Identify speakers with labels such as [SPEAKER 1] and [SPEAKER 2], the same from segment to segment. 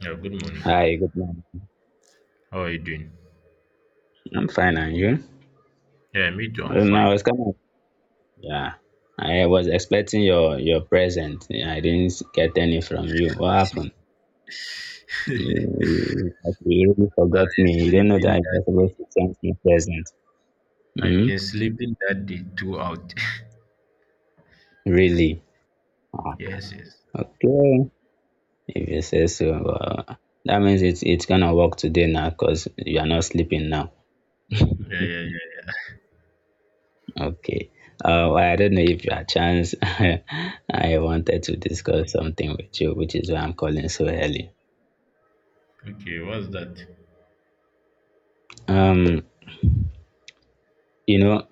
[SPEAKER 1] Yeah, good morning.
[SPEAKER 2] Hi, good morning.
[SPEAKER 1] How are you doing?
[SPEAKER 2] I'm fine, and you?
[SPEAKER 1] Yeah, me too. I'm
[SPEAKER 2] Oh, no,
[SPEAKER 1] fine.
[SPEAKER 2] it's was kind of yeah. I was expecting your present. Yeah, I didn't get any from you. What happened? You, you really
[SPEAKER 1] I've
[SPEAKER 2] forgot me. You
[SPEAKER 1] been
[SPEAKER 2] don't know
[SPEAKER 1] sleeping
[SPEAKER 2] that
[SPEAKER 1] that
[SPEAKER 2] you're
[SPEAKER 1] day.
[SPEAKER 2] supposed to send me present.
[SPEAKER 1] I've
[SPEAKER 2] Hmm?
[SPEAKER 1] been sleeping that day throughout.
[SPEAKER 2] Really? Ah,
[SPEAKER 1] Yes, yes.
[SPEAKER 2] okay. If you say so, that means it's gonna work today now, cause you are not sleeping now.
[SPEAKER 1] Yeah, yeah, yeah,
[SPEAKER 2] Okay. Well, I don't know if you had chance. I wanted to discuss something with you, which is why I'm calling so early.
[SPEAKER 1] yeah. Okay, what's that?
[SPEAKER 2] um you know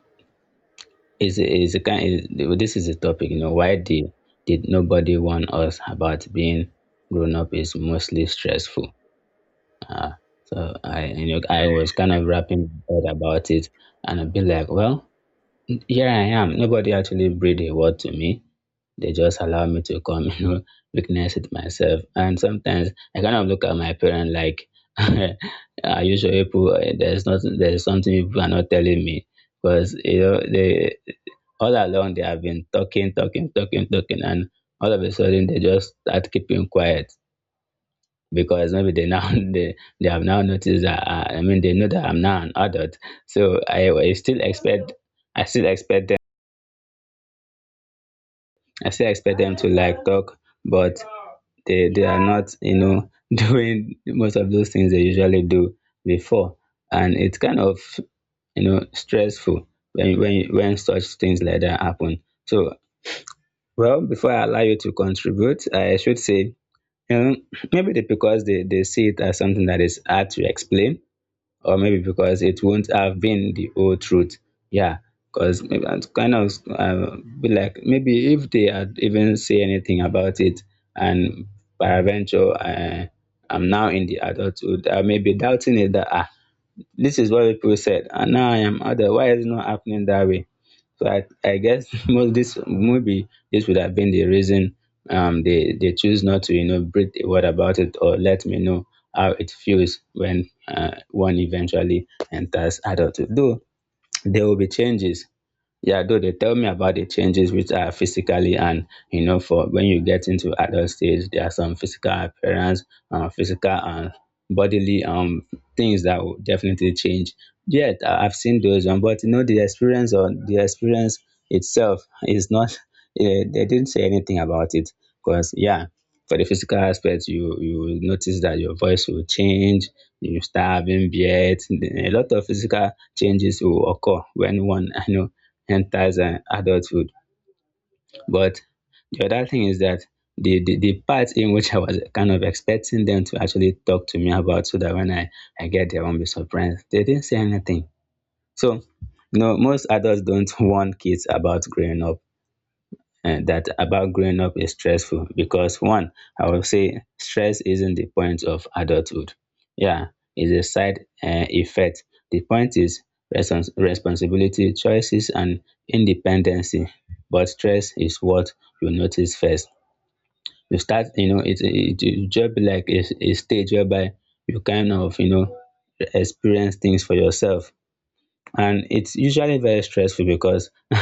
[SPEAKER 2] it's a kind is, this is a topic. Why did nobody warn us about being grown up is mostly stressful. uh so I you know I was
[SPEAKER 1] Okay.
[SPEAKER 2] kind of wrapping my head about it, and I've been like, well, here I am, nobody actually breathed a word to me. They just allow me to come you know, witness it myself. And sometimes I kind of look at my parent like, are you sure people, there's something people are not telling me, because you know they, all along, they have been talking, and all of a sudden they just start keeping quiet. Because maybe they now they have now noticed that I mean, they know that I'm now an adult, so I still expect, I still expect them I still expect them to like talk, but they are not, you know, doing most of those things they usually do before, and it's kind of, you know, stressful when such things like that happen. So, well, before I allow you to contribute, I should say, um, maybe because they see it as something that is hard to explain, or maybe because it won't have been the whole truth. Yeah, because maybe it's kind of be like, maybe if they had even say anything about it, and peradventure, I'm now in the adulthood, I may be doubting it that, ah, this is what people said and now I am other, why is it not happening that way? So I guess most this, maybe this would have been the reason. They choose not to, you know, breathe a word about it or let me know how it feels when one eventually enters adulthood. Though there will be changes, yeah, though they tell me about the changes which are physically and, you know, for when you get into adult stage, there are some physical appearance, physical and bodily things that will definitely change. Yet I've seen those one, but you know the experience, or the experience itself is not. Eh, they didn't say anything about it, because yeah, for the physical aspect, you will notice that your voice will change, you start having beard, a lot of physical changes will occur when one you know enters adulthood. But the other thing is that the part in which I was kind of expecting them to actually talk to me about, so that when I get there, I won't be surprised. They didn't say anything. So, you know, most adults don't warn kids about growing up, and that about growing up is stressful because, one, I would say stress isn't the point of adulthood. Yeah, it's a side effect. The point is responsibility, choices, and independency. But stress is what you notice first. You start, you know, it just be like a stage whereby you kind of, you know, experience things for yourself, and it's usually very stressful because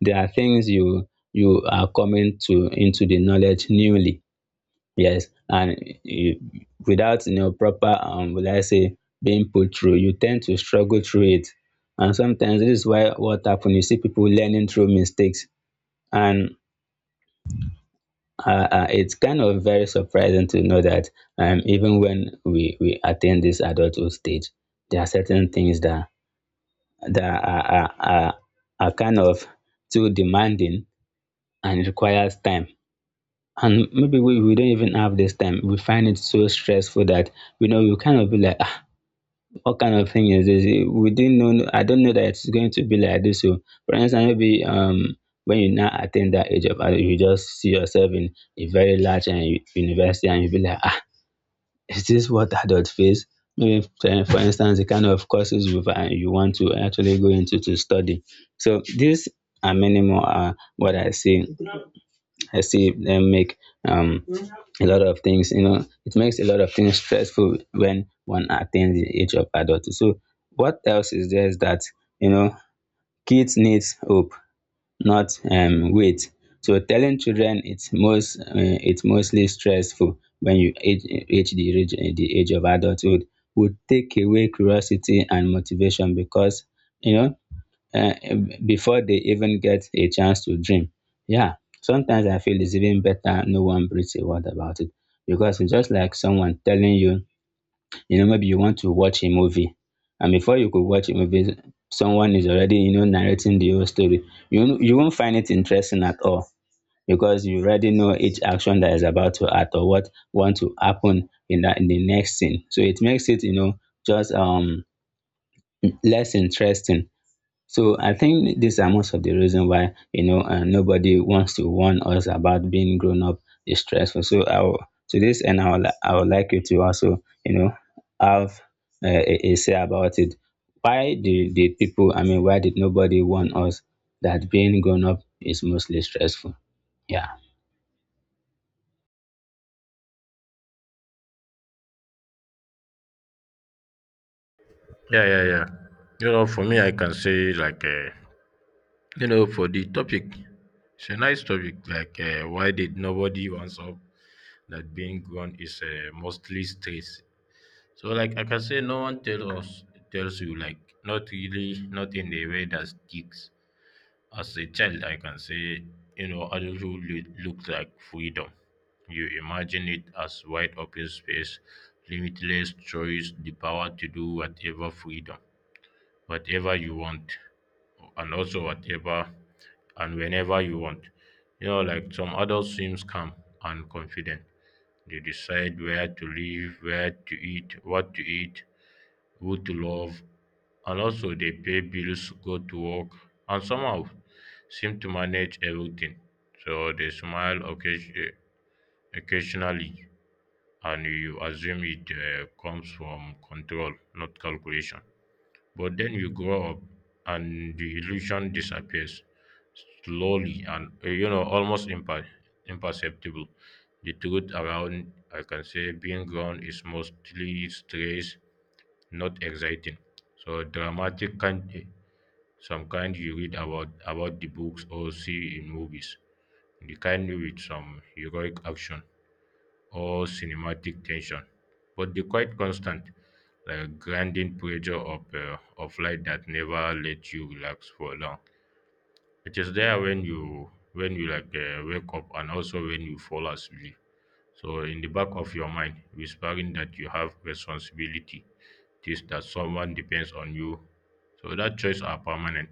[SPEAKER 2] there are things you are coming to, into the knowledge newly. Yes, and you, without, you know, proper will I say, being put through, you tend to struggle through it, and sometimes this is why what happens. You see people learning through mistakes, and it's kind of very surprising to know that, even when we attain this adulthood stage, there are certain things that that are, are, are, are kind of too demanding and requires time. And maybe we don't even have this time. We find it so stressful that, you know, we kind of be like, ah, what kind of thing is this? We didn't know. I don't know that it's going to be like this. So, for instance, maybe when you now attain that age of adult, you just see yourself in a very large and university, and you be like, ah, is this what adults face? Maybe, for instance, the kind of courses you you want to actually go into to study. So these and many more are what I see. I see them make, um, a lot of things. You know, it makes a lot of things stressful when one attains the age of adulthood. So what else is there is that, you know, kids needs hope, not weight. So telling children it's most it's mostly stressful when you age reach the age of adulthood would take away curiosity and motivation because, you know, uh, before they even get a chance to dream. Yeah, sometimes I feel it's even better no one breathes a word about it, because it's just like someone telling you, you know, maybe you want to watch a movie. And before you could watch a movie, someone is already, you know, narrating the whole story. You won't find it interesting at all, because you already know each action that is about to act, or what want to happen in that, in the next scene. So it makes it, you know, just less interesting. So I think these are most of the reason why, you know, nobody wants to warn us about being grown up is stressful. So I will, to this end, I would, I would like you to also, you know, have a say about it. Did people? I mean, why did nobody warn us that being grown up is mostly stressful? Yeah,
[SPEAKER 1] Yeah, yeah, yeah. For me, I can say, like, for the topic, it's a nice topic. Like, why did nobody wants up that being grown is mostly stress. So, like, I can say no one tells you, like, not really, not in a way that sticks. As a child, I can say, adulthood looks like freedom. You imagine it as wide open space, limitless choice, the power to do whatever freedom, whatever you want, and also whatever and whenever you want. Like some adults seems calm and confident. They decide where to live, where to eat, what to eat, who to love, and also dey pay bills, go to work, and somehow seem to manage everything. So they smile occasionally, and you assume it comes from control, not calculation. But then you grow up and the illusion disappears slowly, and almost imperceptible, the truth around, I can say, being grown is mostly stress, not exciting. So dramatic kind, some kind you read about the books or see in movies. The kind with some heroic action or cinematic tension. But the quite constant, like grinding pressure of life that never let you relax for long. It is there when you, like, wake up, and also when you fall asleep. So, in the back of your mind, whispering that you have responsibility, this that someone depends on you. So, that choice are permanent.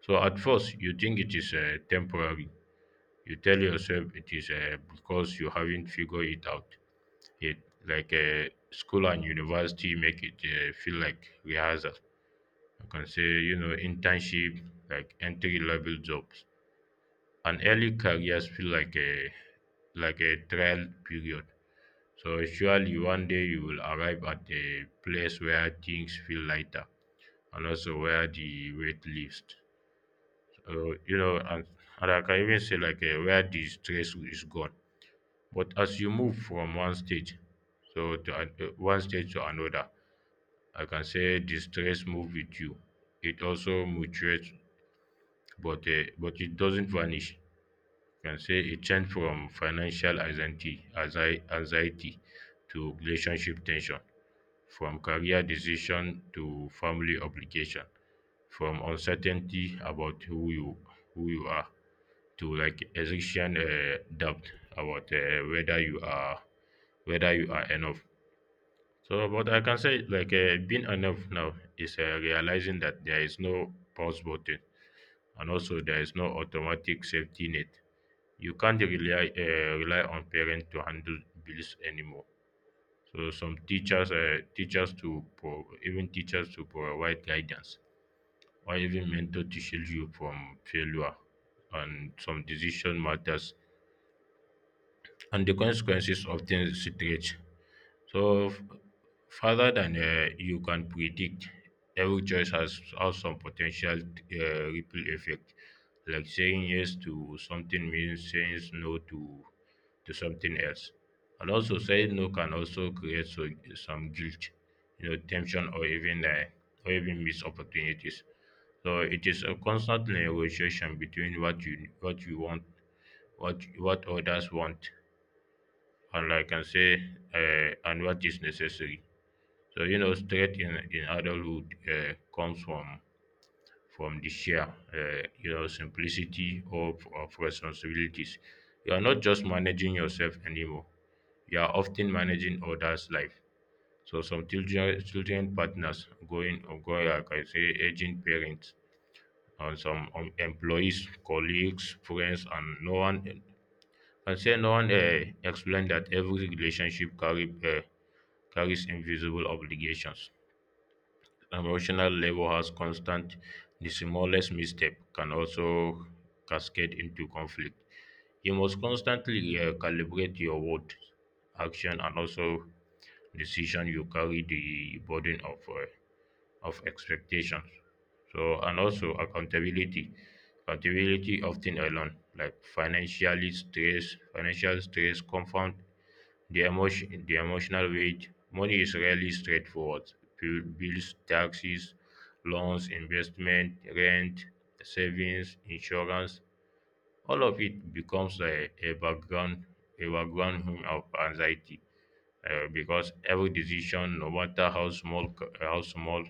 [SPEAKER 1] So, at first, you think it is temporary. You tell yourself it is because you haven't figured it out yet. Like, school and university make it feel like rehearsal. I can say, internship, like entry level jobs. And early careers feel like a trial period. So surely one day you will arrive at a place where things feel lighter, and also where the weight lifts. So, and I can even say, like, where the stress is gone. But as you move from one stage, so to one stage to another, I can say the stress move with you. It also mutates, but it doesn't vanish. You can say it changed from financial anxiety, anxiety to relationship tension, from career decision to family obligation, from uncertainty about who you are, to like existential doubt about, whether you are enough. So, but I can say, like, being enough now is realizing that there is no pause button, and also there is no automatic safety net. You can't rely on parents to handle bills anymore. So some even teachers to provide guidance, or even mentor to shield you from failure, and some decision matters, and the consequences often stretch so further than, you can predict. Every choice has some potential ripple effect. Like saying yes to something means saying no to something else. And also saying no can also create, some guilt, tension, or even missed opportunities. So it is a constant negotiation between what you want, what others want, and, like I can say, and what is necessary. So, strength in adulthood comes from the share, simplicity of responsibilities. You are not just managing yourself anymore. You are often managing others' life. So some children partners, like I say, aging parents, and some, employees, colleagues, friends, and no one. I say no one explained that every relationship carries invisible obligations. Emotional labor has constant. The smallest misstep can also cascade into conflict. You must constantly calibrate your word, action, and also decision. You carry the burden of expectations. So, and also accountability. Accountability often alone, like financially financial stress compound the emotional weight. Money is rarely straightforward. Bills, taxes, loans, investment, rent, savings, insurance, all of it becomes a background hum of anxiety, because every decision, no matter how small,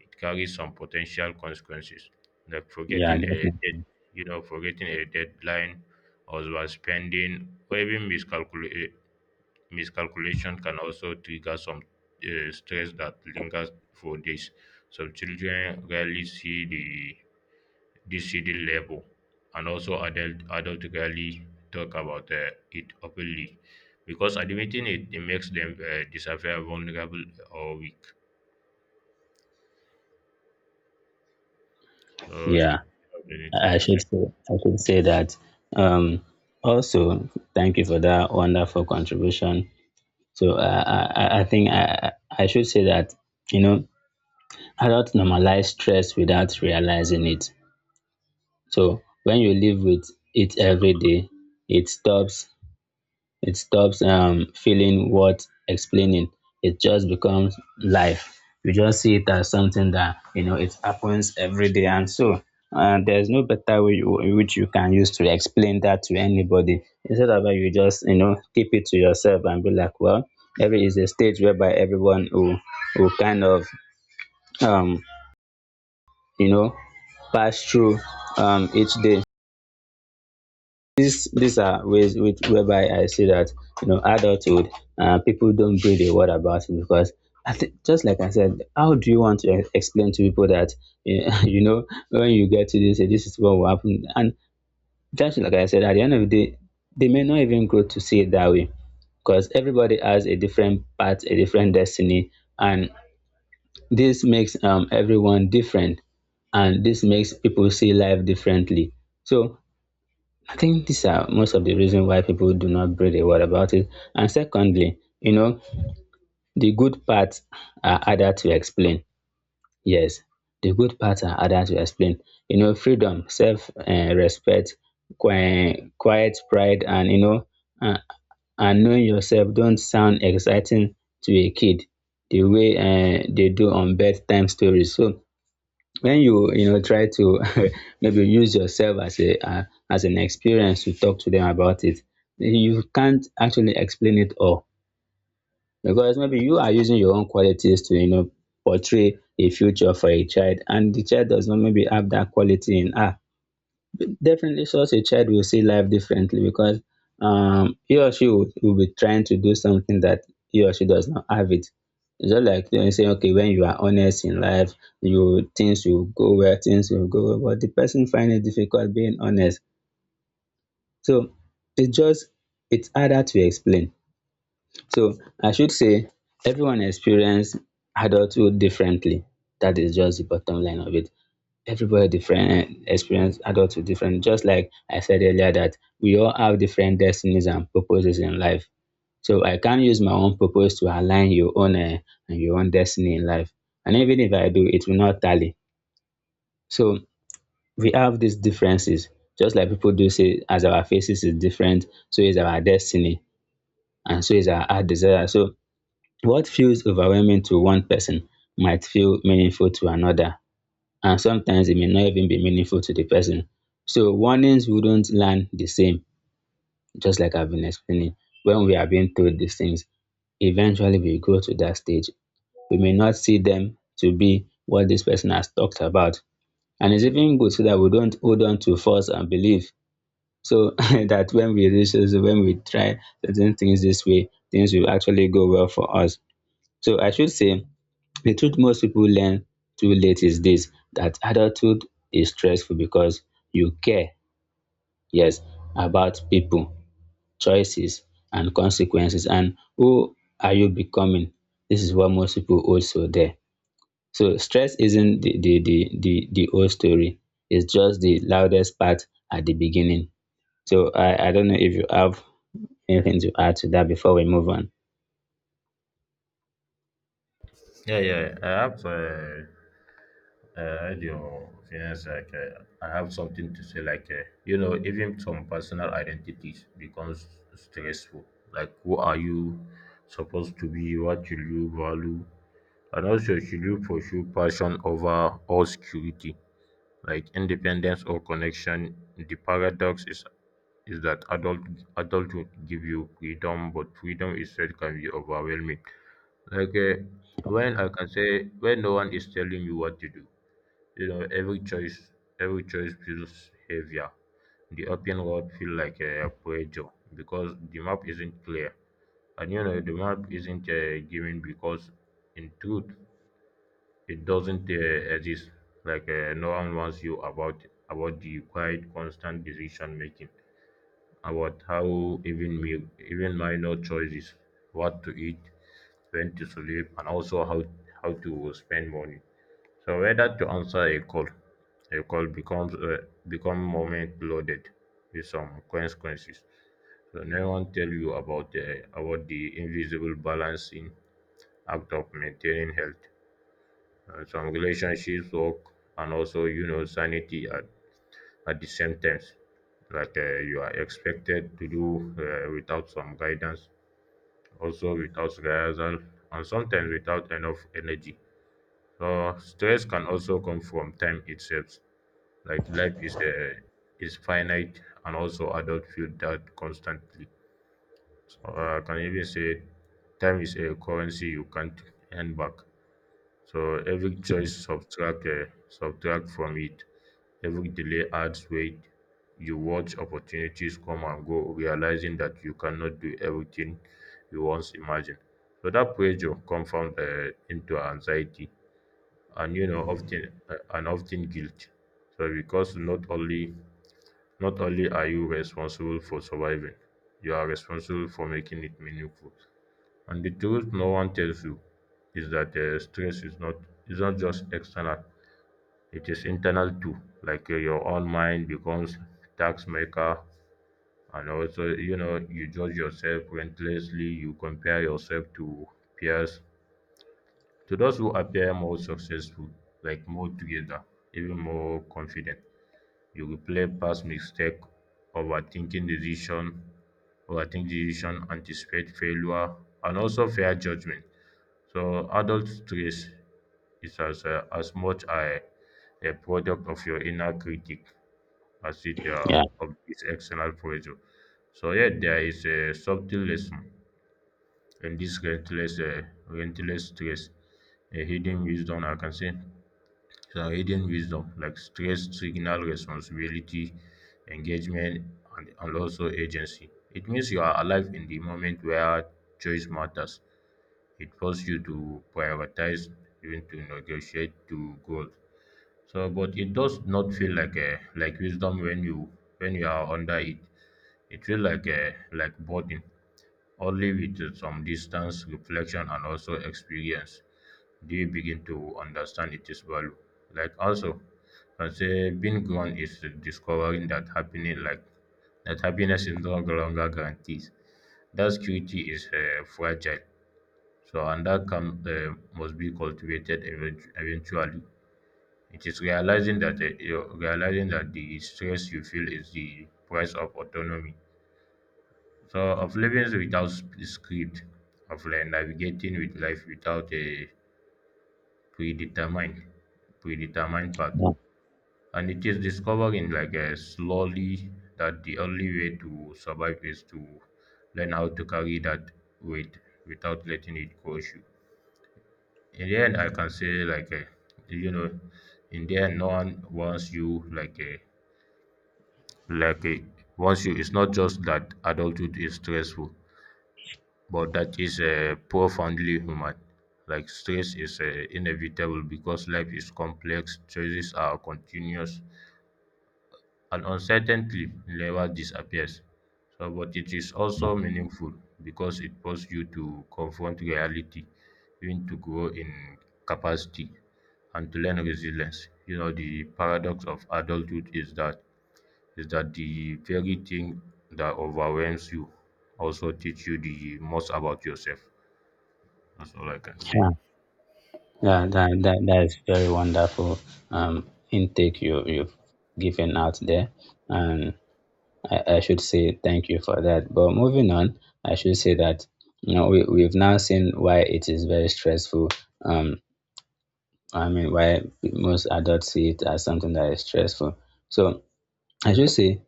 [SPEAKER 1] it carries some potential consequences, like
[SPEAKER 2] yeah,
[SPEAKER 1] forgetting a
[SPEAKER 2] definitely.
[SPEAKER 1] dead, you know, forgetting a deadline, or overspending, or even miscalculation can also trigger some stress that lingers for days. Some children rarely see the this hidden labor, and also adult rarely talk about it openly, because admitting it, it makes them, disappear vulnerable or weak. So do you
[SPEAKER 2] Yeah.
[SPEAKER 1] have anything
[SPEAKER 2] I
[SPEAKER 1] to say?
[SPEAKER 2] should say, that. Um, also, thank you for that wonderful contribution. So I think I should say that, you know, adults normalize stress without realizing it. So when you live with it every day, it stops it stops feeling worth explaining. It just becomes life. You just see it as something that, you know, it happens every day, and so, there's no better way which you can use to explain that to anybody. Instead of that, you just, you know, keep it to yourself and be like, well, every is a stage whereby everyone who kind of, um you know, pass through each day. These are ways which, whereby I see that, you know, adulthood, people don't breathe a word about it because, I think, just like I said, how do you want to explain to people that, eh, you know, when you get to this, eh, this is what will happen. And just like I said, at the end of the day, they may not even grow to see it that way, because everybody has a different path, a different destiny, and this makes, everyone different, and this makes people see life differently. So I think these are most of the reason why people do not breathe a word about it. And secondly, you know, the good parts are harder to explain. Yes, the good parts are harder to explain. You know, freedom, self respect, quiet pride, and you know, uh, and knowing yourself don't sound exciting to a kid the way they do on bedtime stories. So when you know, try to maybe use yourself as a as an experience to talk to them about it, you can't actually explain it all, because maybe you are using your own qualities to, you know, portray a future for a child, and the child does not maybe have that quality in her. Definitely, such a child will see life differently because, he or she will be trying to do something that he or she does not have it. It's just like, you know, say, okay, when you are honest in life, you things will go, where things will go, well, but the person find it difficult being honest. So it's just, it's harder to explain. So I should say everyone experience adulthood differently. That is just the bottom line of it. Everybody different experience Adults adulthood different, just like I said earlier, that we all have different destinies and purposes in life. So I can't use my own purpose to align your own and your own destiny in life. And even if I do, it will not tally. So we have these differences. Just like people do say, as our faces is different, so is our destiny, and so is our heart desire. So what feels overwhelming to one person might feel meaningful to another, and sometimes it may not even be meaningful to the person. So warnings wouldn't land the same, just like I've been explaining. When we are being told these things, eventually we go to that stage. We may not see them to be what this person has talked about. And it's even good so that we don't hold on to false and belief. So that when we reach this, when we try certain things this way, things will actually go well for us. So I should say the truth most people learn too late is this, that adulthood is stressful because you care, yes, about people, choices, and consequences, and who are you becoming? This is what most people also there. So stress isn't the whole story. It's just the loudest part at the beginning. So I don't know if you have anything to add to that before we move on.
[SPEAKER 1] Yeah, yeah, I have, I had your opinions like I have something to say, like, even some personal identities becomes stressful. Like, who are you supposed to be, what should you value, and also should you pursue passion over all security? Like independence or connection, the paradox is that adulthood give you freedom, but freedom itself can be overwhelming. Like, when I can say when no one is telling you what to do, you know every choice every choice feels heavier. The open road feel like a pressure because the map isn't clear, and the map isn't given, because in truth it doesn't exist. Like, no one wants you about the quiet, constant decision making, about how even even minor choices, what to eat, when to sleep, and also how to spend money. So whether to answer a call becomes, become moment loaded with some consequences. So no one tell you about the invisible balancing act of maintaining health and some relationships work, and also sanity at the same time. Like, you are expected to do, without some guidance, also without rehearsal, and sometimes without enough energy. So stress can also come from time itself. Like life is finite, and also adult feel that constantly. So, I can even say time is a currency you can't hand back. So every choice subtract from it. Every delay adds weight. You watch opportunities come and go, realizing that you cannot do everything you once imagined. So that pressure confounds, into anxiety, and often guilt. So, because not only are you responsible for surviving, you are responsible for making it meaningful. And the truth no one tells you is that, stress is not just external; it is internal too. Like, your own mind becomes tax maker, and also you judge yourself relentlessly. You compare yourself to peers, to those who appear more successful, like more together, even more confident. You replay past mistake, overthinking decision, overthink decision, anticipate failure, and also fair judgment. So adult stress is as much a product of your inner critic as it,
[SPEAKER 2] Yeah.
[SPEAKER 1] of this external pressure. So yet there is a subtle lesson in this relentless stress, a hidden wisdom, I can say. So hidden wisdom, like stress, signal, responsibility, engagement, and also agency. It means you are alive in the moment where choice matters. It forces you to prioritize, even to negotiate to goals. So, but it does not feel like wisdom when you are under it. It feels like burden. Only with, some distance, reflection, and also experience, do you begin to understand its value. Like also, I say being grown is discovering that happening like that happiness is no longer guaranteed. That security is, fragile. So, and that calm, must be cultivated eventually. It is realizing that, the stress you feel is the price of autonomy. So, of living without script, of like navigating with life without a predetermined predetermined path.
[SPEAKER 2] Yeah.
[SPEAKER 1] And it is discovering, like, slowly, that the only way to survive is to learn how to carry that weight without letting it crush you. In the end, I can say, like, you know in the end no one wants you like a wants you It's not just that adulthood is stressful, but that is, profoundly human. Like stress is, inevitable because life is complex, choices are continuous, and uncertainty never disappears. So, but it is also meaningful, because it forces you to confront reality, even to grow in capacity, and to learn resilience. You know, the paradox of adulthood is that the very thing that overwhelms you also teach you the most about yourself. That's all I can say.
[SPEAKER 2] Yeah. Yeah, that is very wonderful intake you've given out there. And I should say thank you for that. But moving on, I should say that, you know, we've now seen why it is very stressful. Um, I mean, why most adults see it as something that is stressful. So I should say,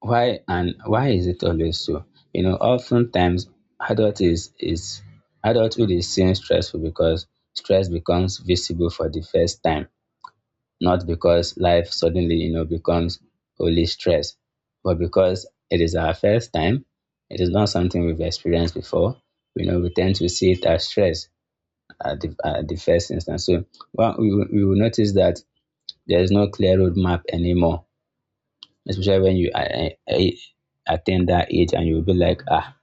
[SPEAKER 2] why, and why is it always so? You know, oftentimes adult is, is adulthood is seen stressful because stress becomes visible for the first time, not because life suddenly, you know, becomes only stress, but because it is our first time. It is not something we've experienced before. You know, we tend to see it as stress at the first instance. So, well, we will notice that there is no clear roadmap anymore, especially when you attain that age and you'll be like, ah,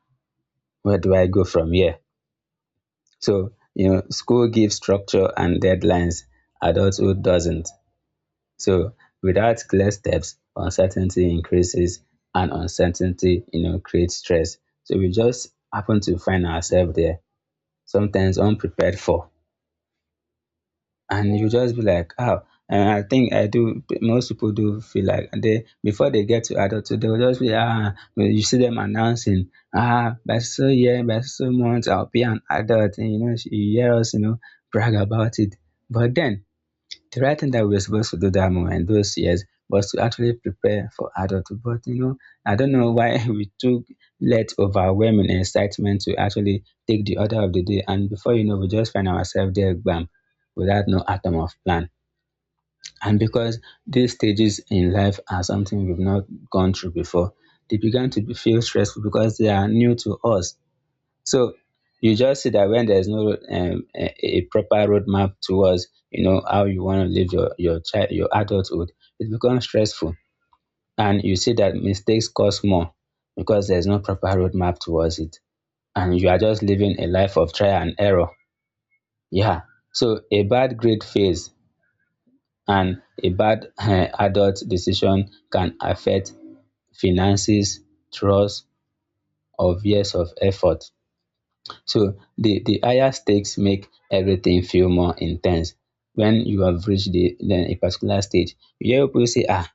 [SPEAKER 2] where do I go from here? So, you know, school gives structure and deadlines, adulthood doesn't. So without clear steps, uncertainty increases, and uncertainty, you know, creates stress. So we just happen to find ourselves there, sometimes unprepared for. And you just be like, oh, and I think I do, most people do feel like they, before they get to adulthood, they'll just be, ah, when you see them announcing, ah, by so year, by so months, I'll be an adult. And, you know, you hear us, you know, brag about it. But then, the right thing that we were supposed to do that moment in those years was to actually prepare for adulthood. But, you know, I don't know why we took let overwhelming excitement to actually take the order of the day, and before you know, we just find ourselves there, bam, without no atom of plan. And because these stages in life are something we've not gone through before, they began to feel stressful because they are new to us. So you just see that when there's no a proper roadmap towards, you know, how you want to live your adulthood, it becomes stressful, and you see that mistakes cost more because there's no proper roadmap towards it, and you are just living a life of trial and error. Yeah. So a bad grade phase and a bad adult decision can affect finances, trust, or years of effort. So the higher stakes make everything feel more intense. When you have reached the then a particular stage, you hear people say, "Ah,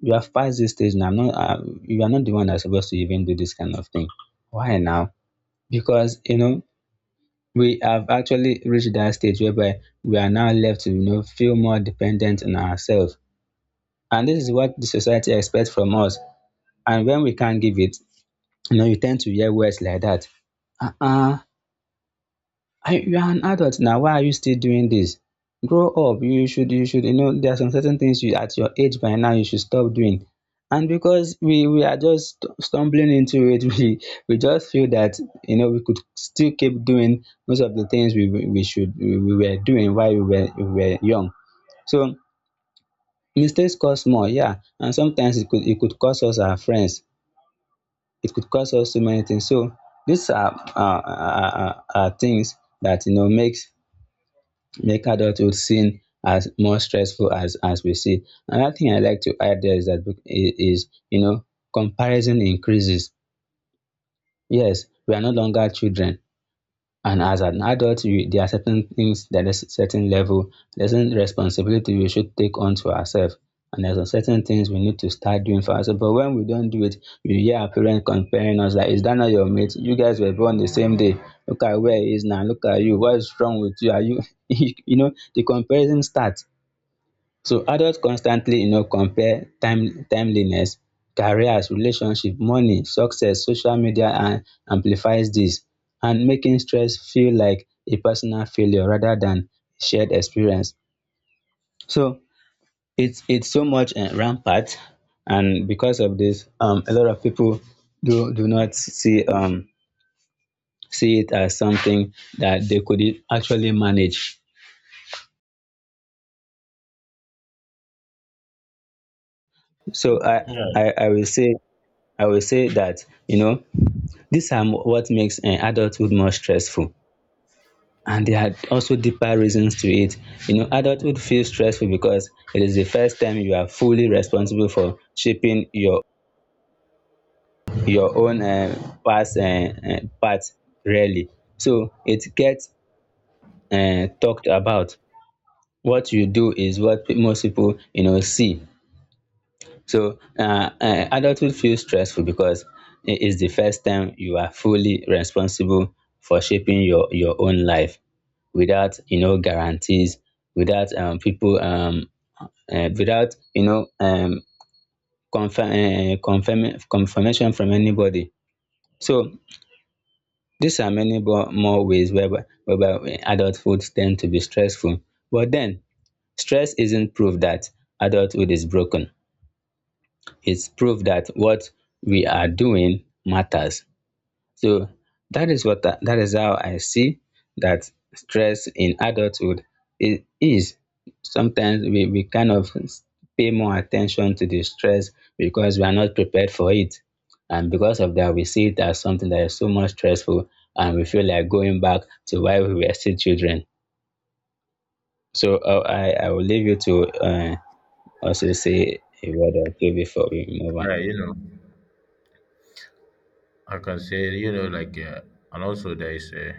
[SPEAKER 2] you have passed this stage now. I'm not, you are not the one that's supposed to even do this kind of thing." Why now? Because, you know, we have actually reached that stage whereby we are now left to, you know, feel more dependent on ourselves, and this is what the society expects from us. And when we can't give it, you know, you tend to hear words like that. Ah, I, you are an adult now, why are you still doing this? Grow up. You should, you know, there are some certain things you at your age by now you should stop doing. And because we are just stumbling into it, we just feel that, you know, we could still keep doing most of the things we were doing while we were young. So mistakes cost more, yeah, and sometimes it could cost us our friends. It could cost us so many things. So these are things that, you know, make adulthood seen as more stressful as we see. Another thing I like to add there is that is, you know, comparison increases. Yes, we are no longer children. And as an adult, there are certain things, there is certain level, there's a responsibility we should take on to ourselves. And there's a certain things we need to start doing for ourselves. But when we don't do it, we hear our parents comparing us like, is that not your mate? You guys were born the same day. Look at where he is now. Look at you. What is wrong with you? Are you, you know, the comparison starts. So adults constantly, you know, compare timeliness, careers, relationship, money, success, social media, and amplifies this, and making stress feel like a personal failure rather than shared experience. So it's so much rampant, and because of this, a lot of people do not see, see it as something that they could actually manage. So
[SPEAKER 1] Yeah.
[SPEAKER 2] I I will say I will say that, you know, these are what makes adulthood more stressful. And there are also deeper reasons to it. You know, adulthood feels stressful because it is the first time you are fully responsible for shaping your own past path, really. So it gets talked about. What you do is what most people, you know, see. So adulthood feels stressful because it is the first time you are fully responsible for shaping your own life without, you know, guarantees, without people, without, you know, confirmation from anybody. So these are many more ways whereby adulthood tend to be stressful. But then, stress isn't proof that adulthood is broken. It's proof that what we are doing matters. So that is how I see that stress in adulthood is. Sometimes we kind of pay more attention to the stress because we are not prepared for it. And because of that, we see it as something that is so much stressful, and we feel like going back to why we were still children. So I will leave you to also say a word or two before we move on.
[SPEAKER 1] Yeah, I can say, like, and also there is, uh,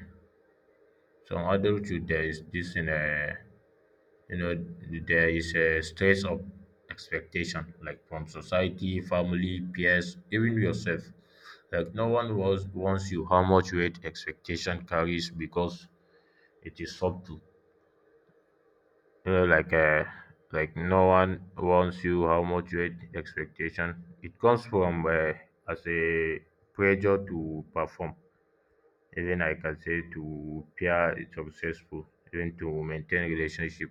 [SPEAKER 1] some adulthood, there is this in you know there is a stress of expectation, like from society, family, peers, even yourself. Like no one was wants you how much weight expectation carries, because it is subtle. You know like uh, like no one wants you how much weight expectation, it comes from, as a pressure to perform, even, I can say, to appear successful, even to maintain relationship.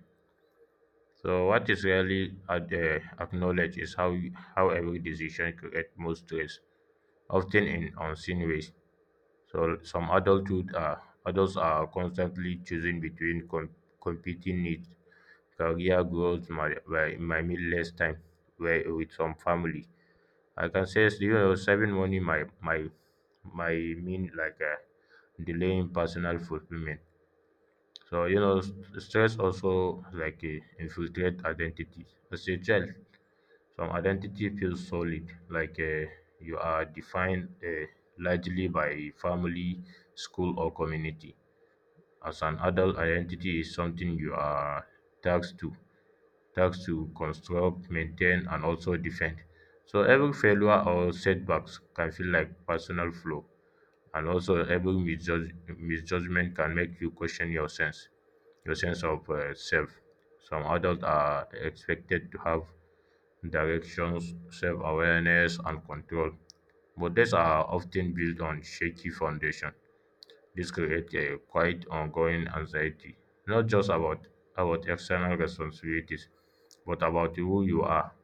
[SPEAKER 1] So what is rarely acknowledged is how every decision creates more stress, often in unseen ways. So some adulthood are adults are constantly choosing between competing needs, career growth, my meal less time, with some family. I can say, saving money, my mean, delaying personal fulfillment. So, stress also, like, infiltrate identity. As a child, some identity feels solid, like, you are defined, largely by family, school, or community. As an adult, identity is something you are tasked to, tasked to construct, maintain, and also defend. So every failure or setbacks can feel like personal flaw, and also every misjudgment can make you question your sense of, self. Some adults are expected to have directions, self-awareness, and control. But these are often built on shaky foundation. This creates a quite ongoing anxiety, not just about external responsibilities, but about who you are,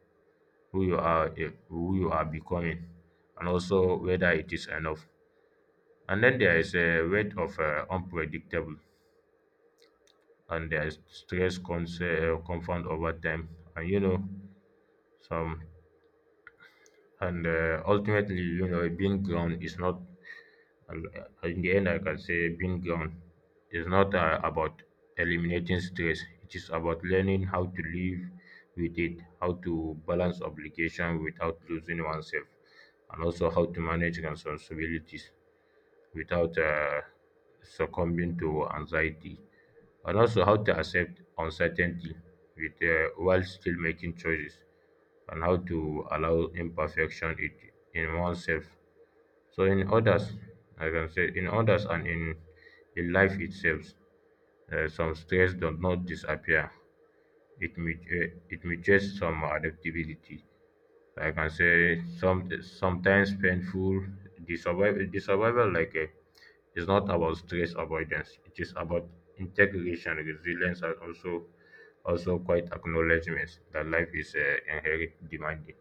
[SPEAKER 1] who you are, eh, who you are becoming, and also whether it is enough. And then there is a weight of, unpredictable, and there is stress compound over time, and you know some And ultimately, being ground is not, in the end, I can say being ground is not about eliminating stress. It is about learning how to live with it, how to balance obligation without losing oneself, and also how to manage responsibilities without, succumbing to anxiety, and also how to accept uncertainty, with while still making choices, and how to allow imperfection in oneself. So in others, like I can say in others, and in life itself, some stress does not disappear. It mutates some adaptability. Like I can say, sometimes painful. The survival, like, is not about stress avoidance. It is about integration, resilience, and also quite acknowledgement that life is, inherent demanding.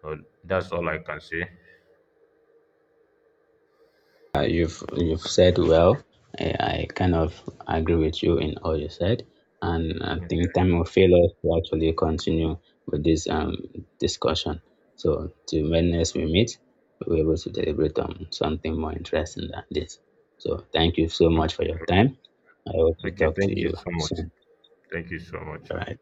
[SPEAKER 1] So that's all I can say.
[SPEAKER 2] You've said well. I kind of agree with you in all you said, and I think time will fail us to actually continue with this discussion. So to when next we meet, we'll be able to deliberate on something more interesting than this. So thank you so much for your time. I hope to
[SPEAKER 1] Okay,
[SPEAKER 2] talk to
[SPEAKER 1] thank you
[SPEAKER 2] you
[SPEAKER 1] so much.
[SPEAKER 2] soon.
[SPEAKER 1] Thank you so much.
[SPEAKER 2] All right.